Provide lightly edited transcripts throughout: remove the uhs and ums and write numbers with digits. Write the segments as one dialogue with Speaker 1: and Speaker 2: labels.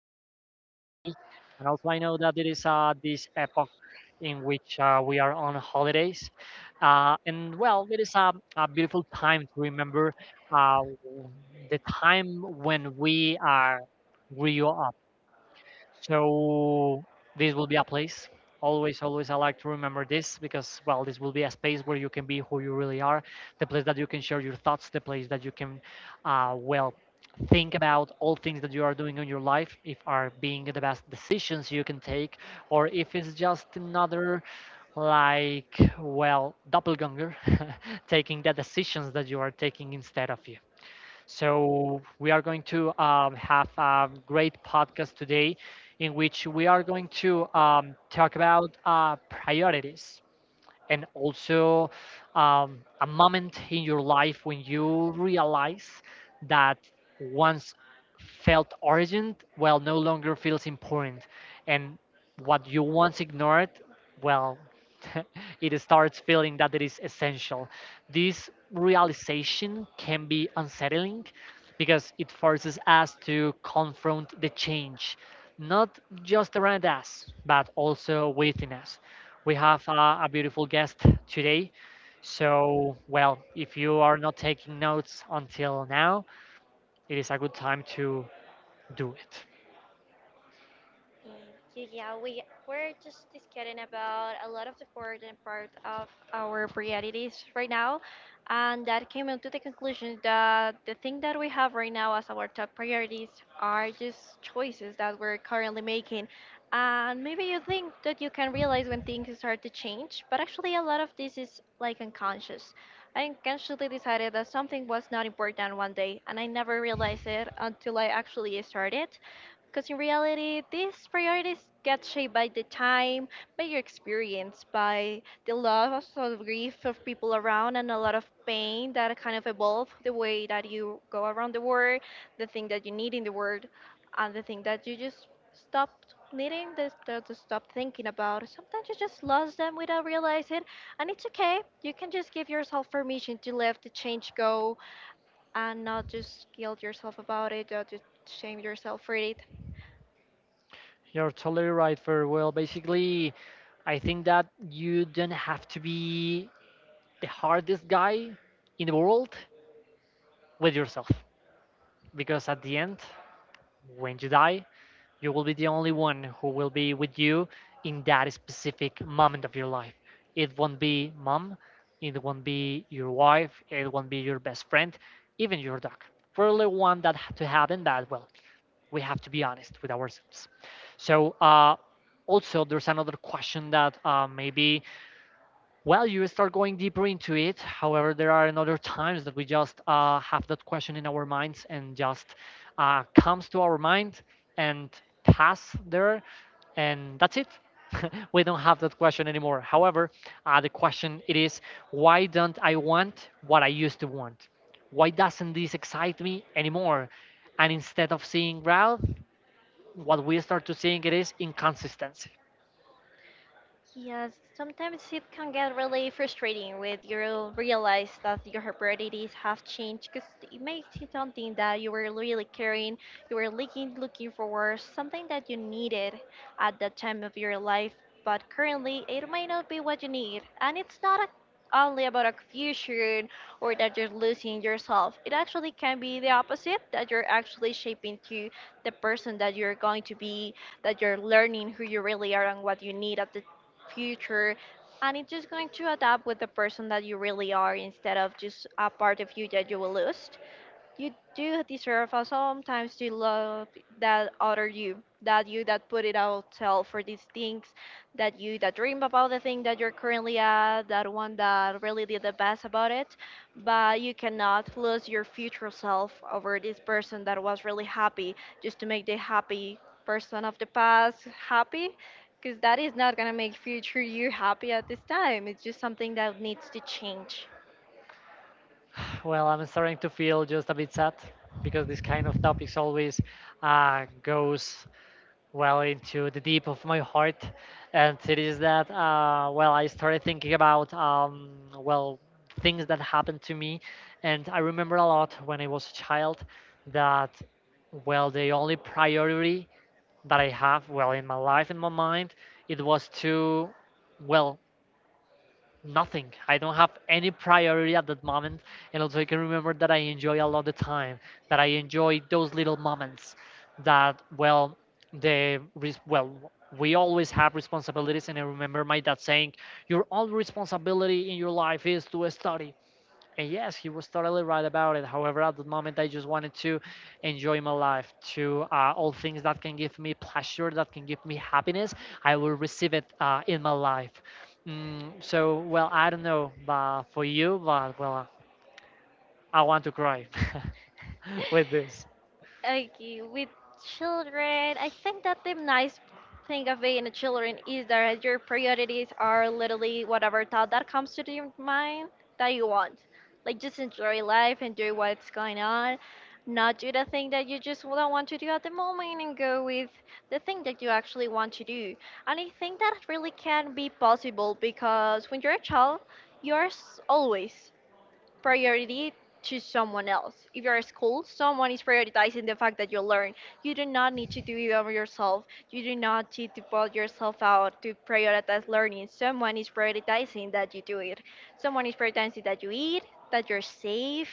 Speaker 1: another sunny day, and also I know that it is this epoch in which we are on holidays. And well, it is a beautiful time to remember uh, the time when we are grew so this will be a place. Always, always, I like to remember this because, well, this will be a space where you can be who you really are, the place that you can share your thoughts, the place that you can, well, think about all things that you are doing in your life, if are being the best decisions you can take, or if it's just another, like, well, doppelganger taking the decisions that you are taking instead of you. So, we are going to have a great podcast today in which we are going to talk about priorities, and also a moment in your life when you realize that once felt urgent well no longer feels important, and what you once ignored, well, it starts feeling that it is essential. This realization can be unsettling because it forces us to confront the change, not just around us but also within us. We have a beautiful guest today. So, well, if you are not taking notes until now, it is a good time to do it.
Speaker 2: Yeah, yeah, we're just discussing about a lot of the important part of our priorities right now, and that came into the conclusion that the thing that we have right now as our top priorities are just choices that we're currently making. And maybe you think that you can realize when things start to change, but actually a lot of this is like unconscious. I unconsciously decided that something was not important one day, and I never realized it until I actually started. Because in reality, these priorities get shaped by the time, by your experience, by the loss or the grief of people around, and a lot of pain that kind of evolve the way that you go around the world, the thing that you need in the world, and the thing that you just stopped needing, the stuff to stop thinking about. Sometimes you just lost them without realizing it, and it's okay. You can just give yourself permission to let the change go and not just guilt yourself about it or to shame yourself for it.
Speaker 1: You're totally right, Fer. Well, basically, I think that you don't have to be the hardest guy in the world with yourself. Because at the end, when you die, you will be the only one who will be with you in that specific moment of your life. It won't be mom, it won't be your wife, it won't be your best friend, even your dog. We really want that to happen, but well, we have to be honest with ourselves. So, also, there's another question that maybe, well, you start going deeper into it. However, there are another times that we just have that question in our minds and just comes to our mind and pass there, and that's it. We don't have that question anymore. However, the question it is, why don't I want what I used to want? Why doesn't this excite me anymore? And instead of seeing growth, what we start to seeing it is inconsistency.
Speaker 2: Yes, sometimes it can get really frustrating when you realize that your priorities have changed, because it makes it something that you were really caring, you were looking for, something that you needed at that time of your life, but currently it might not be what you need. And it's not a, only about a fusion or that you're losing yourself. It actually can be the opposite, that you're actually shaping to the person that you're going to be, that you're learning who you really are and what you need at the future, and it's just going to adapt with the person that you really are instead of just a part of you that you will lose. You do deserve us sometimes to love that other you, that you that put it out tell for these things, that you that dream about the thing that you're currently at, that one that really did the best about it. But you cannot lose your future self over this person that was really happy just to make the happy person of the past happy, because that is not going to make future you happy at this time. It's just something that needs to change.
Speaker 1: Well, I'm starting to feel just a bit sad because this kind of topics always goes well into the deep of my heart, and it is that well, I started thinking about well, things that happened to me, and I remember a lot when I was a child that, well, the only priority that I have, well, in my life, in my mind, it was to, well, nothing. I don't have any priority at that moment. And also, I can remember that I enjoy a lot the time, that I enjoy those little moments. That, well, the well, we always have responsibilities. And I remember my dad saying, "Your only responsibility in your life is to study." And yes, he was totally right about it. However, at the moment, I just wanted to enjoy my life, to all things that can give me pleasure, that can give me happiness. I will receive it in my life. So, well, I don't know, but for you, but well, I want to cry with this.
Speaker 2: Okay, with children, I think that the nice thing of being a children is that your priorities are literally whatever thought that comes to your mind that you want. Like just enjoy life, enjoy what's going on, not do the thing that you just don't want to do at the moment and go with the thing that you actually want to do. And I think that really can be possible, because when you're a child, you're always priority to someone else. If you're at school, someone is prioritizing the fact that you learn. You do not need to do it over yourself. You do not need to put yourself out to prioritize learning. Someone is prioritizing that you do it. Someone is prioritizing that you eat, that you're safe,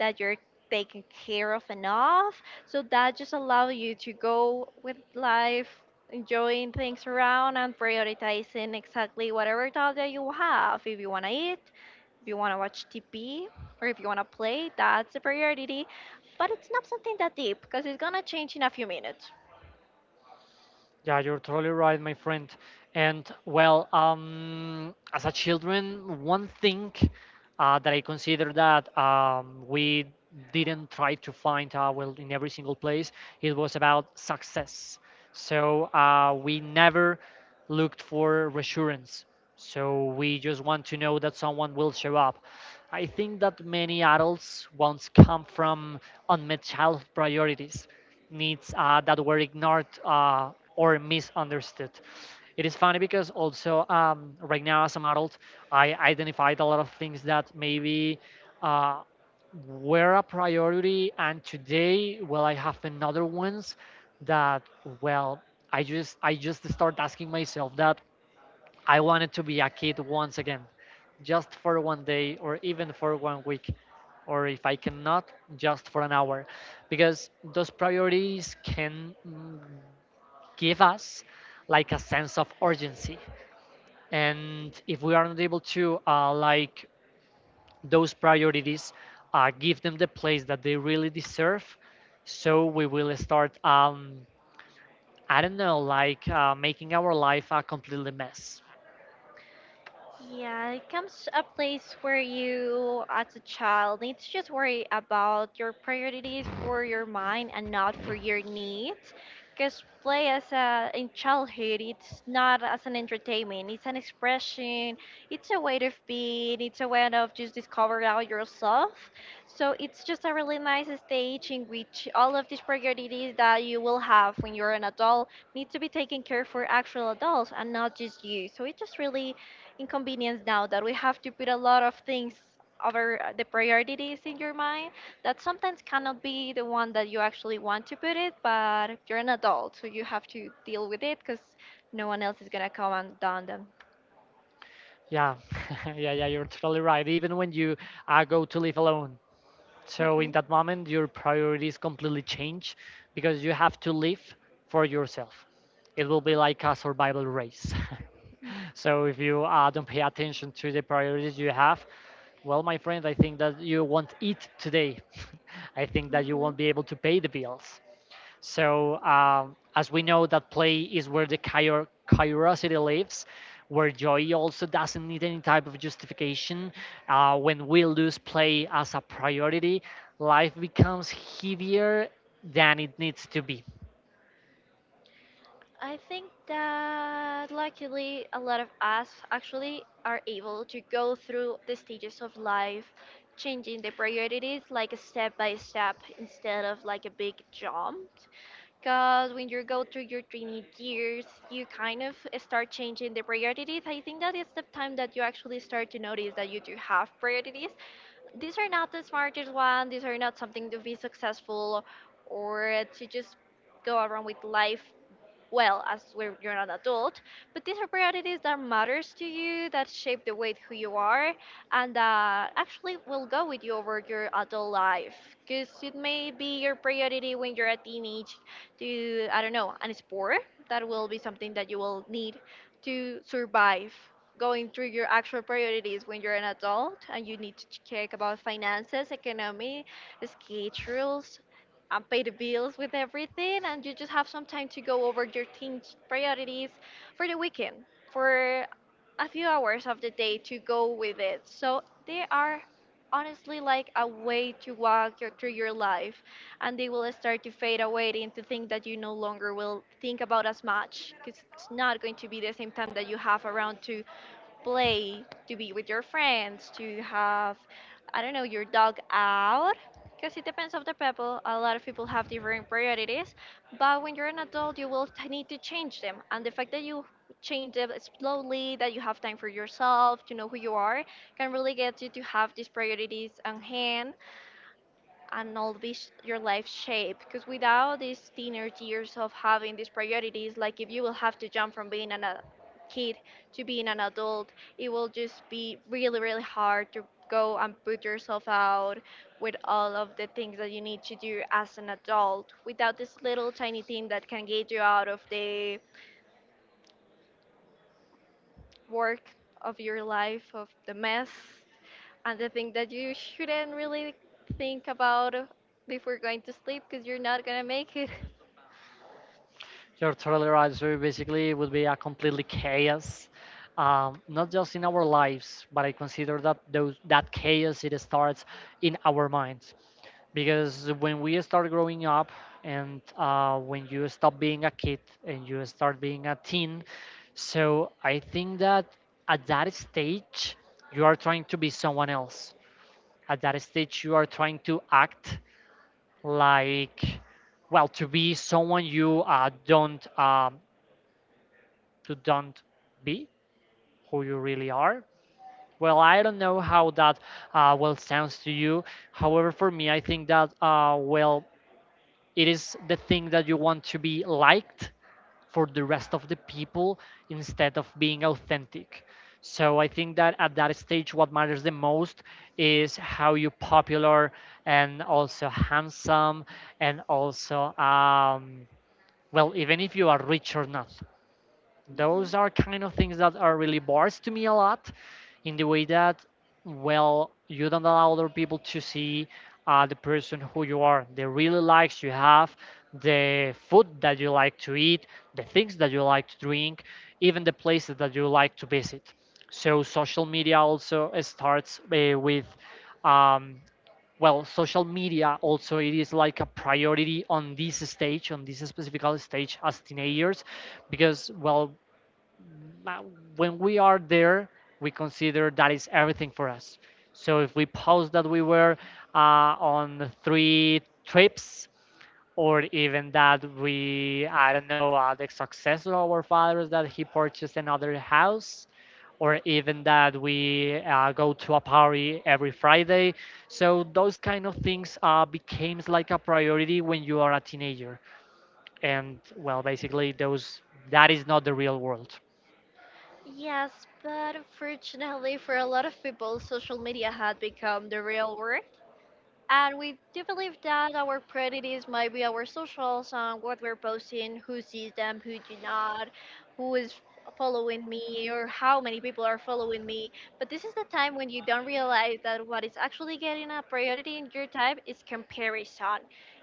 Speaker 2: that you're taken care of enough. So that just allows you to go with life, enjoying things around and prioritizing exactly whatever thought that you have. If you want to eat, if you want to watch TV, or if you want to play, that's a priority. But it's not something that deep, because it's gonna change in a few minutes.
Speaker 1: Yeah, you're totally right, my friend. And well, as a children, one thing that I consider that we didn't try to find, well, in every single place, it was about success. So we never looked for reassurance. So we just want to know that someone will show up. I think that many adults once come from unmet child priorities, needs that were ignored, or misunderstood. It is funny because also right now, as an adult, I identified a lot of things that maybe uh, were a priority, and today, well, I have another ones that, well, I just start asking myself that I wanted to be a kid once again, just for one day or even for one week, or if I cannot, just for an hour, because those priorities can, give us like a sense of urgency. And if we aren't able to like those priorities, give them the place that they really deserve, so we will start, I don't know, like making our life a completely mess.
Speaker 2: Yeah, it comes a place where you, as a child, need to just worry about your priorities for your mind and not for your needs. Because play as a in childhood, it's not as an entertainment. It's an expression. It's a way of being. It's a way of just discovering out yourself. So it's just a really nice stage in which all of these priorities that you will have when you're an adult need to be taken care for actual adults and not just you. So it's just really inconvenience now that we have to put a lot of things over the priorities in your mind, that sometimes cannot be the one that you actually want to put it, but you're an adult so you have to deal with it, because no one else is going to come and down them.
Speaker 1: Yeah, yeah, yeah, you're totally right. Even when you go to live alone. So
Speaker 2: Hmm.
Speaker 1: in that moment, your priorities completely change because you have to live for yourself. It will be like a survival race. So if you don't pay attention to the priorities you have, well, my friend, I think that you won't eat today. I think that you won't be
Speaker 2: Hmm.
Speaker 1: able to pay the bills. So, as we know, that play is where the curiosity lives, where joy also doesn't need any type of justification. When we lose play as a priority, life becomes heavier than it needs to be.
Speaker 2: I think that luckily a lot of us actually are able to go through the stages of life, changing the priorities like a step by step instead of like a big jump, because when you go through your training years, you kind of start changing the priorities. I think that is the time that you actually start to notice that you do have priorities. These are not the smartest one. These are not something to be successful or to just go around with life well as when you're an adult, but these are priorities that matters to you, that shape the way who you are, and that actually will go with you over your adult life. Because it may be your priority when you're a teenage to, I don't know, an sport, that will be something that you will need to survive, going through your actual priorities when you're an adult, and you need to check about finances, economy, schedule, rules, and pay the bills with everything, and you just have some time to go over your team's priorities for the weekend, for a few hours of the day to go with it. So they are, honestly, like a way to walk your, through your life, and they will start to fade away into things that you no longer will think about as much, because it's not going to be the same time that you have around to play, to be with your friends, to have, I don't know, your dog out. Because it depends on the people. A lot of people have different priorities. But when you're an adult, you will need to change them. And the fact that you change them slowly, that you have time for yourself, to know who you are, can really get you to have these priorities on hand and all this your life shape, because without these teenage years of having these priorities, like if you will have to jump from being an, a kid to being an adult, it will just be really really hard to go and put yourself out with all of the things that you need to do as an adult, without this little tiny thing that can get you out of the work of your life, of the mess. And the thing that you shouldn't really think about before going to sleep, because you're not gonna make it.
Speaker 1: Your total answer basically would be a completely chaos. Not just in our lives, but I consider that those that chaos it starts in our minds. Because when we start growing up and, when you stop being a kid and you start being a teen, so I think that at that stage, you are trying to be someone else. At that stage, you are trying to act like, well, to be someone you don't, to don't be who you really are. Well, I don't know how that, well, sounds to you. However, for me, I think that, well, it is the thing that you want to be liked for the rest of the people instead of being authentic. So I think that at that stage, what matters the most is how you popular, and also handsome, and also, well, even if you are rich or not. Those are kind of things that are really bars to me a lot, in the way that, well, you don't allow other people to see the person who you are, the really likes you have, the food that you like to eat, the things that you like to drink, even the places that you like to visit. So social media also starts, with, um, well, social media also it is like a priority on this stage, on this specific stage as teenagers, because, well, but when we are there, we consider that is everything for us. So if we post that we were on three trips, or even that we, I don't know, the success of our fathers that he purchased another house, or even that we go to a party every Friday. So those kind of things becomes like a priority when you are a teenager. And well, basically, those that is not the real world.
Speaker 2: Yes, but unfortunately for a lot of people, social media had become the real world. And we do believe that our prejudice might be our socials on what we're posting, who sees them, who do not, who is following me, or how many people are following me. But this is the time when you don't realize that what is actually getting a priority in your time is comparison.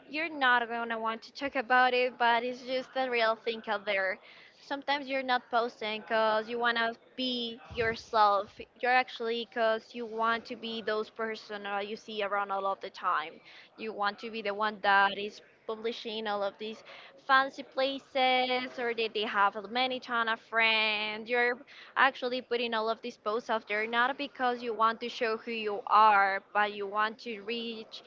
Speaker 2: You're not gonna want to talk about it, but it's just the real thing out there. Sometimes you're not posting because you want to be yourself, you're actually because you want to be those person you see around all of the time. You want to be the one that is publishing all of these fancy places, or that they have many ton of friends. You're actually putting all of these posts out there not because you want to show who you are, but you want to reach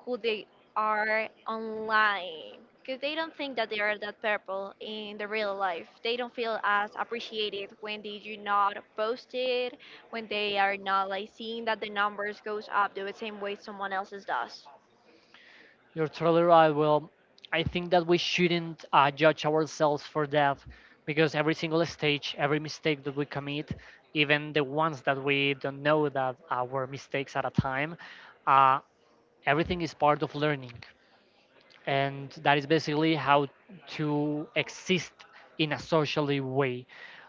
Speaker 2: who they are online, because they don't think that they are that purple in the real life. They don't feel as appreciated when they do not post it, when they are not like seeing that the numbers goes up the same way someone else's does.
Speaker 1: You're totally right. Well, I think that we shouldn't judge ourselves for that, because every single stage, every mistake that we commit, even the ones that we don't know that were mistakes at a time, uh, everything is part of learning. And that is basically how to exist in a socially way.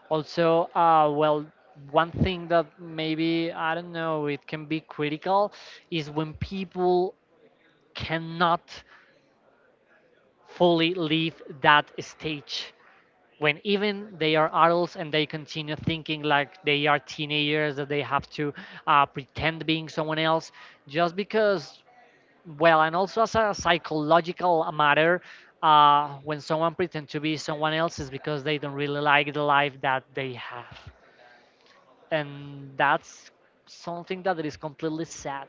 Speaker 1: Also, well, one thing that maybe, I don't know, it can be critical is when people cannot fully leave that stage, when even they are adults and they continue thinking like they are teenagers, that they have to pretend being someone else just because, well, and also, as a psychological matter, when someone pretends to be someone else is because they don't really like the life that they have, and that's something that is completely sad.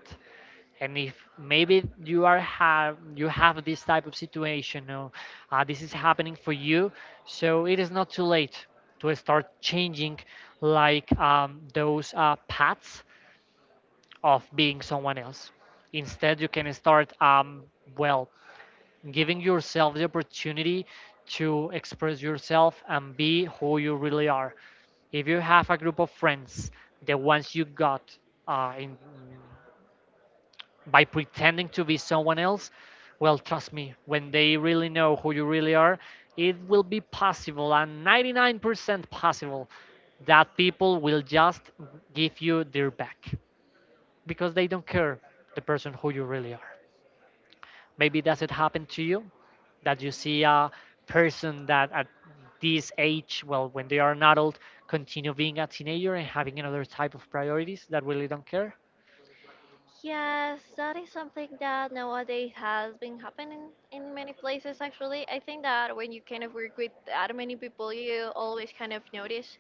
Speaker 1: And if maybe you are have you have this type of situation, or, this is happening for you, so it is not too late to start changing, like, those, paths of being someone else. Instead, you can start, well, giving yourself the opportunity to express yourself and be who you really are. If you have a group of friends, the ones you got, in, by pretending to be someone else, well, trust me, when they really know who you really are, it will be possible and 99% possible that people will just give you their back because they don't care the person who you really are. Maybe does it happen to you that you see a person that at this age, well, when they are an adult, continue being a teenager and having another type of priorities that really don't care?
Speaker 2: Yes, that is something that nowadays has been happening in many places actually. I think that when you kind of work with that many people, you always kind of notice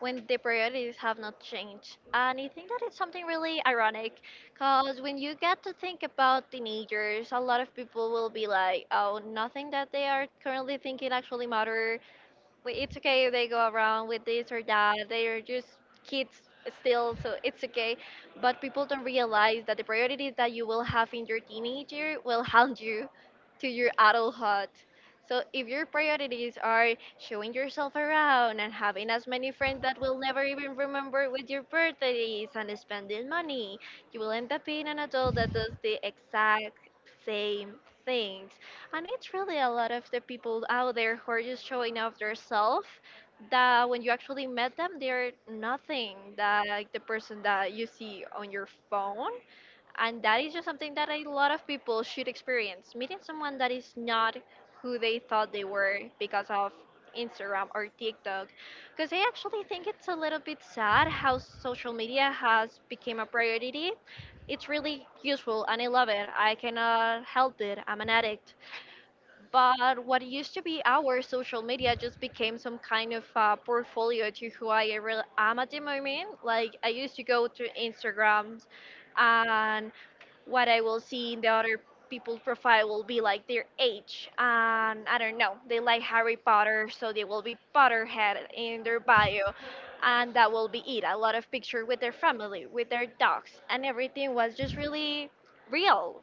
Speaker 2: when the priorities have not changed. And I think that it's something really ironic, because when you get to think about teenagers, a lot of people will be like, oh, nothing that they are currently thinking actually matters, it's okay if they go around with this or that. They are just kids still, so it's okay. But people don't realize that the priorities that you will have in your teenager will haunt you to your adulthood. So if your priorities are showing yourself around and having as many friends that will never even remember what your birthday is, and spending money, you will end up being an adult that does the exact same things. And it's really a lot of the people out there who are just showing off their self, that when you actually met them, they're nothing that like the person that you see on your phone. And that is just something that a lot of people should experience. Meeting someone that is not who they thought they were because of Instagram or TikTok. Because I actually think it's a little bit sad how social media has become a priority. It's really useful and I love it. I cannot help it. I'm an addict, but what used to be our social media just became some kind of portfolio to who I really am at the moment. Like, I used to go to Instagrams, and what I will see in the other people's profile will be like their age. And I don't know, they like Harry Potter, so they will be Potterhead in their bio. And that will be it. A lot of picture with their family, with their dogs, and everything was just really real.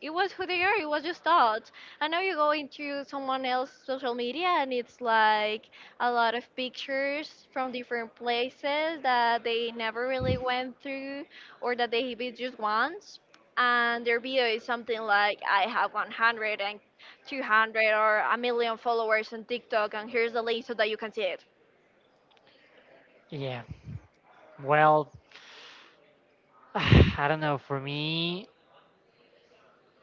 Speaker 2: It was who they are. It was just thoughts. I know you go into someone else's social media and it's like a lot of pictures from different places that they never really went through, or that they maybe just once, and their video is something like, I have 100 and 200 or a million followers on TikTok, and here's the link so that you can see it.
Speaker 1: Yeah, well, I don't know. For me,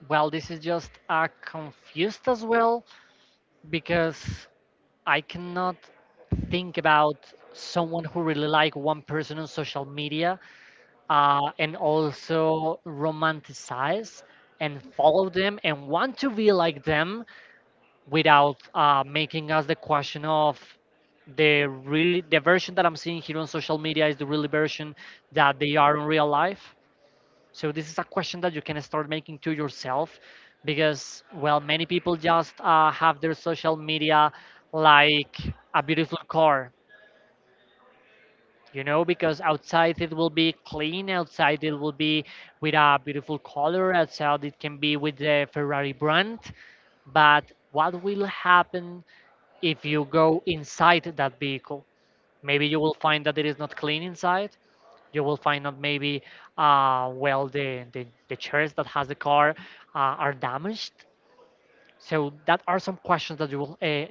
Speaker 1: well, this is just confused as well because I cannot think about someone who really like one person on social media and also romanticize and follow them and want to be like them without making us the question of the really the version that I'm seeing here on social media is the really version that they are in real life. So this is a question that you can start making to yourself because, well, many people just have their social media like a beautiful car, you know, because outside it will be clean, outside it will be with a beautiful color, outside it can be with the ferrari brand. But what will happen if you go inside that vehicle? Maybe you will find that it is not clean inside. You will find out maybe well the chairs that has the car are damaged. So that are some questions that you will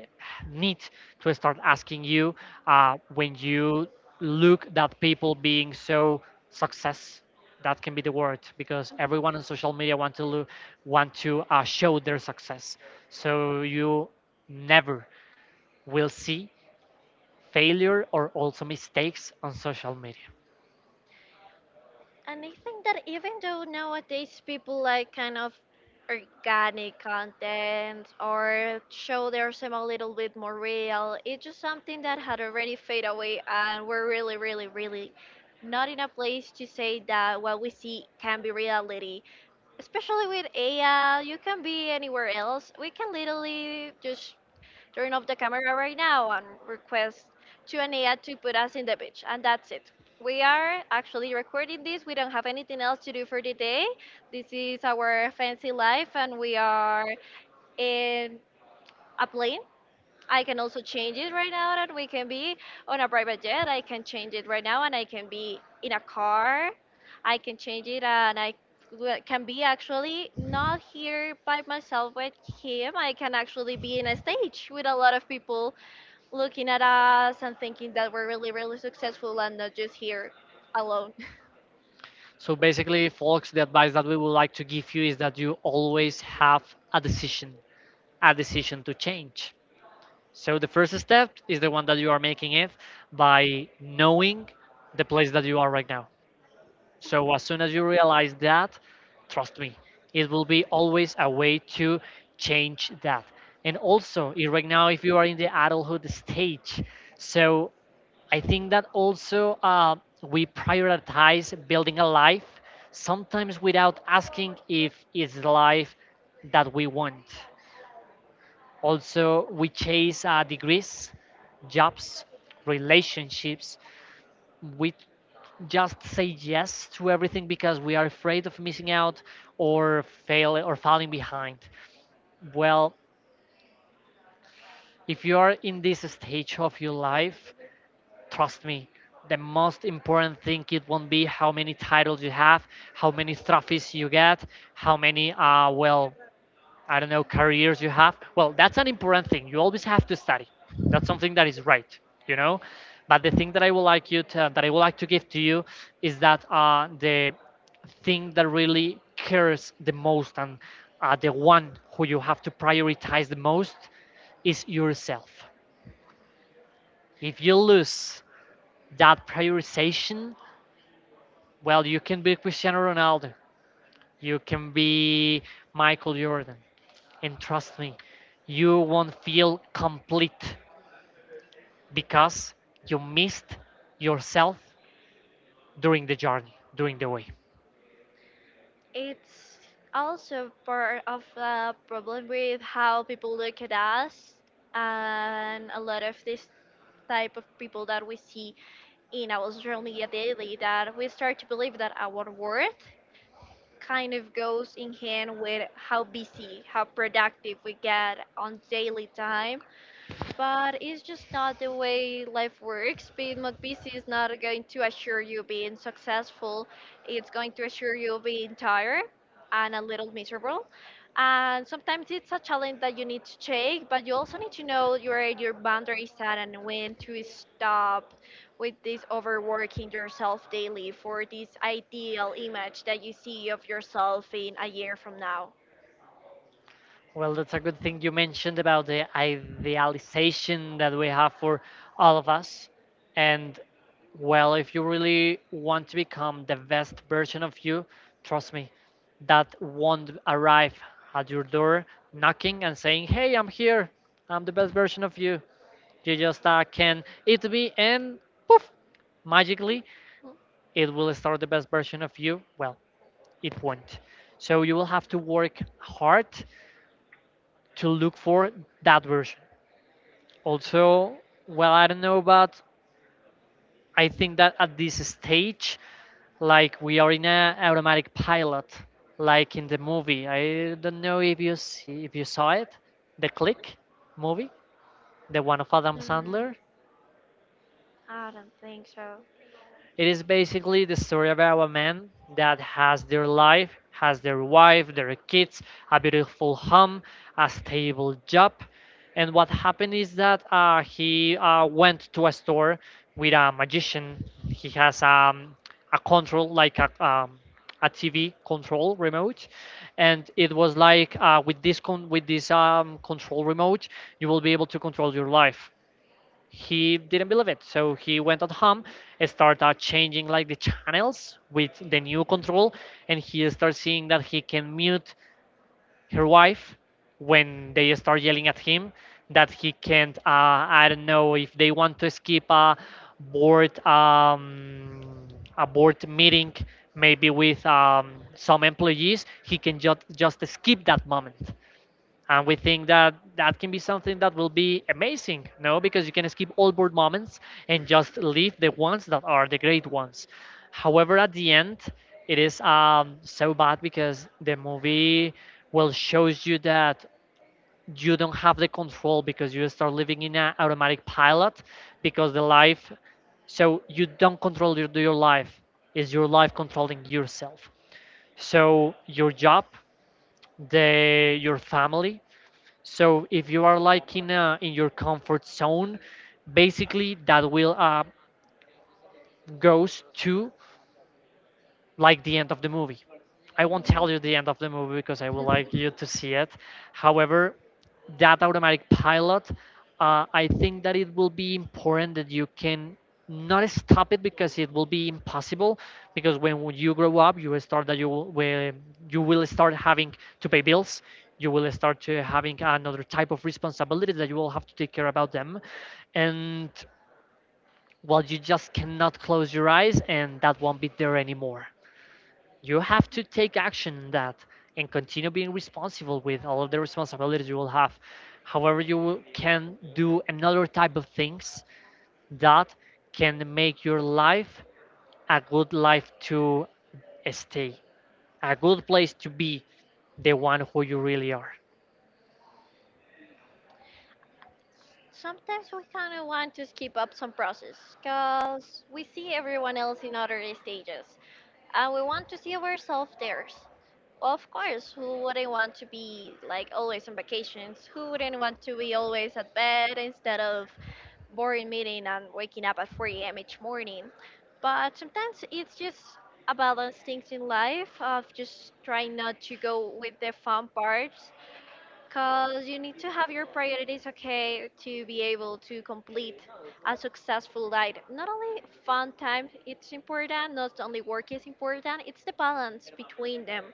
Speaker 1: need to start asking you when you look that people being so success. That can be the word, because everyone on social media want to show their success. So you never will see failure or also mistakes on social media.
Speaker 2: And I think that even though nowadays people like kind of organic content or show themselves a little bit more real, it's just something that had already fade away and we're really, really, really not in a place to say that what we see can be reality. Especially with AI, you can be anywhere else. We can literally just turn off the camera right now and request to Anea to put us in the beach. And that's it. We are actually recording this. We don't have anything else to do for the day. This is our fancy life, and we are in a plane. I can also change it right now that we can be on a private jet. I can change it right now, and I can be in a car. I can change it, and I can be actually not here by myself with him. I can actually be in a stage with a lot of people looking at us and thinking that we're really, really successful and not just here alone.
Speaker 1: So basically, folks, the advice that we would like to give you is that you always have a decision, a decision to change. So the first step is the one that you are making it by knowing the place that you are right now. So as soon as you realize that, trust me, it will be always a way to change that. And also, right now, if you are in the adulthood stage, so I think that also we prioritize building a life sometimes without asking if it's the life that we want. Also, we chase degrees, jobs, relationships. We just say yes to everything because we are afraid of missing out or fail or falling behind. Well, if you are in this stage of your life, trust me, the most important thing it won't be how many titles you have, how many trophies you get, how many well, I don't know, careers you have. Well, that's an important thing. You always have to study. That's something that is right, you know. But the thing that I would like you to, that I would like to give to you is that the thing that really cares the most, and the one who you have to prioritize the most is yourself. If you lose that prioritization, well, you can be Cristiano Ronaldo, you can be Michael Jordan, and trust me, you won't feel complete because you missed yourself during the journey, during the way.
Speaker 2: It's also part of the problem with how people look at us and a lot of this type of people that we see in our social media daily that we start to believe that our worth kind of goes in hand with how busy, how productive we get on daily time, but it's just not the way life works. Being not busy is not going to assure you being successful. It's going to assure you being tired and a little miserable. And sometimes it's a challenge that you need to take, but you also need to know your boundaries and when to stop with this overworking yourself daily for this ideal image that you see of yourself in a year from now.
Speaker 1: Well, that's a good thing you mentioned about the idealization that we have for all of us. And, well, if you really want to become the best version of you, trust me, that won't arrive at your door knocking and saying, "Hey, I'm here. I'm the best version of you. You just can eat me and poof, magically, it will start the best version of you." Well, it won't. So you will have to work hard to look for that version. Also, well, I don't know, but I think that at this stage, like we are in a automatic pilot, like in the movie. I don't know if you see, if you saw it, the Click movie, the one of Adam
Speaker 2: Mm,
Speaker 1: Sandler.
Speaker 2: I don't think so.
Speaker 1: It is basically the story about a man that has their life, has their wife, their kids, a beautiful home, a stable job. And what happened is that he went to a store with a magician. He has a control, like a TV control remote, and it was like with with this control remote, you will be able to control your life. He didn't believe it. So he went at home, started changing like the channels with the new control, and he started seeing that he can mute her wife when they start yelling at him. That he can't. I don't know if they want to skip board um, a board meeting, maybe with some employees. He can just skip that moment, and we think that that can be something that will be amazing. No, because you can skip all board moments and just leave the ones that are the great ones. However, at the end, it is so bad, because the movie will shows you that you don't have the control because you start living in an automatic pilot because the life, so you don't control your life. Is your life controlling yourself? So your job, the your family. So if you are like in in your comfort zone, basically that will goes to like the end of the movie. I won't tell you the end of the movie because I would like you to see it. However, that automatic pilot, I think that it will be important that you can not stop it because it will be impossible. Because when you grow up, you will start that you will start having to pay bills. You will start to having another type of responsibilities that you will have to take care about them, and, well, you just cannot close your eyes, and that won't be there anymore. You have to take action in that and continue being responsible with all of the responsibilities you will have. However, can do another type of things that can make your life a good life to stay, a good place to be the one who you really are.
Speaker 2: Sometimes we kind of want to skip up some process because we see everyone else in other stages, and we want to see ourselves theirs. Of course, who wouldn't want to be like always on vacations? Who wouldn't want to be always at bed instead of boring meeting and waking up at 4 a.m. each morning? But sometimes it's just about those things in life of just trying not to go with the fun parts, because you need to have your priorities okay to be able to complete a successful life. Not only fun time it's important, not only work is important, it's the balance between them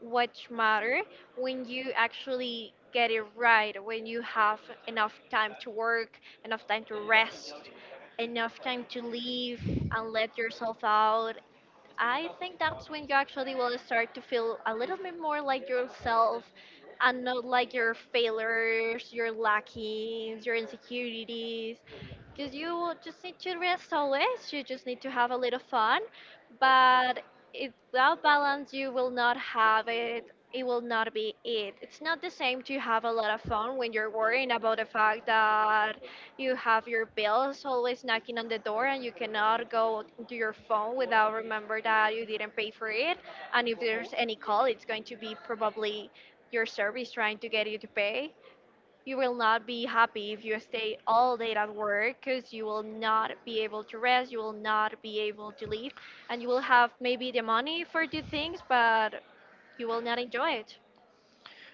Speaker 2: which matter when you actually get it right, when you have enough time to work, enough time to rest, enough time to leave and let yourself out. I think that's when you actually will start to feel a little bit more like yourself and not like your failures, your lackings, your insecurities. Because you just need to rest always, you just need to have a little fun. But it, without balance, you will not have it. It will not be it. It's not the same to have a lot of fun when you're worrying about the fact that you have your bills always knocking on the door, and you cannot go to your phone without remember that you didn't pay for it. And if there's any call, it's going to be probably your service trying to get you to pay. You will not be happy if you stay all day at work, because you will not be able to rest, you will not be able to leave, and you will have maybe the money for the things, but you will not enjoy it.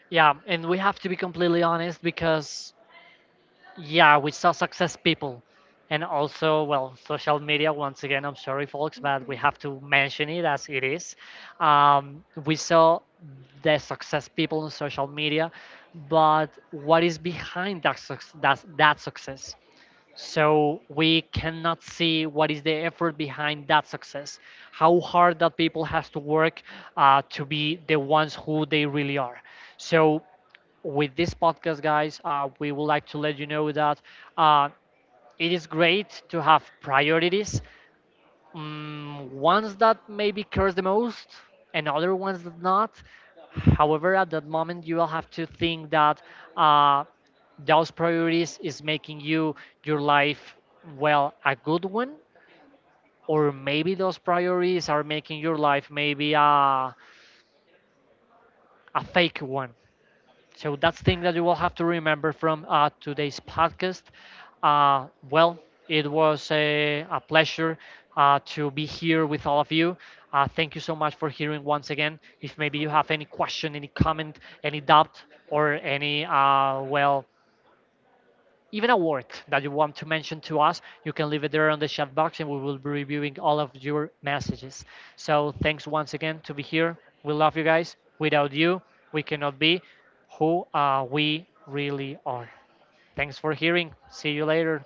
Speaker 1: Yeah, and we have to be completely honest because, yeah, we saw success people. And also, well, social media, once again, I'm sorry, folks, but we
Speaker 2: Mhm.
Speaker 1: have to mention it as it is. We saw the success people on social media, but what is behind that success? So we cannot see what is the effort behind that success, how hard that people has to work to be the ones who they really are. So with this podcast, guys, we would like to let you know that uh, it is great to have priorities. Mm, ones that maybe cares the most, and other ones that not. However, at that moment, you will have to think that uh, those priorities is making you your life, well, a good one, or maybe those priorities are making your life maybe a fake one. So that's the thing that you will have to remember from today's podcast. Well, it was a pleasure to be here with all of you. Thank you so much for hearing once again. If maybe you have any question, any comment, any doubt, or any well, even a work that you want to mention to us, you can leave it there on the chat box, and we will be reviewing all of your messages. So thanks once again to be here. We love you guys. Without you, we cannot be who we really are. Thanks for hearing. See you later.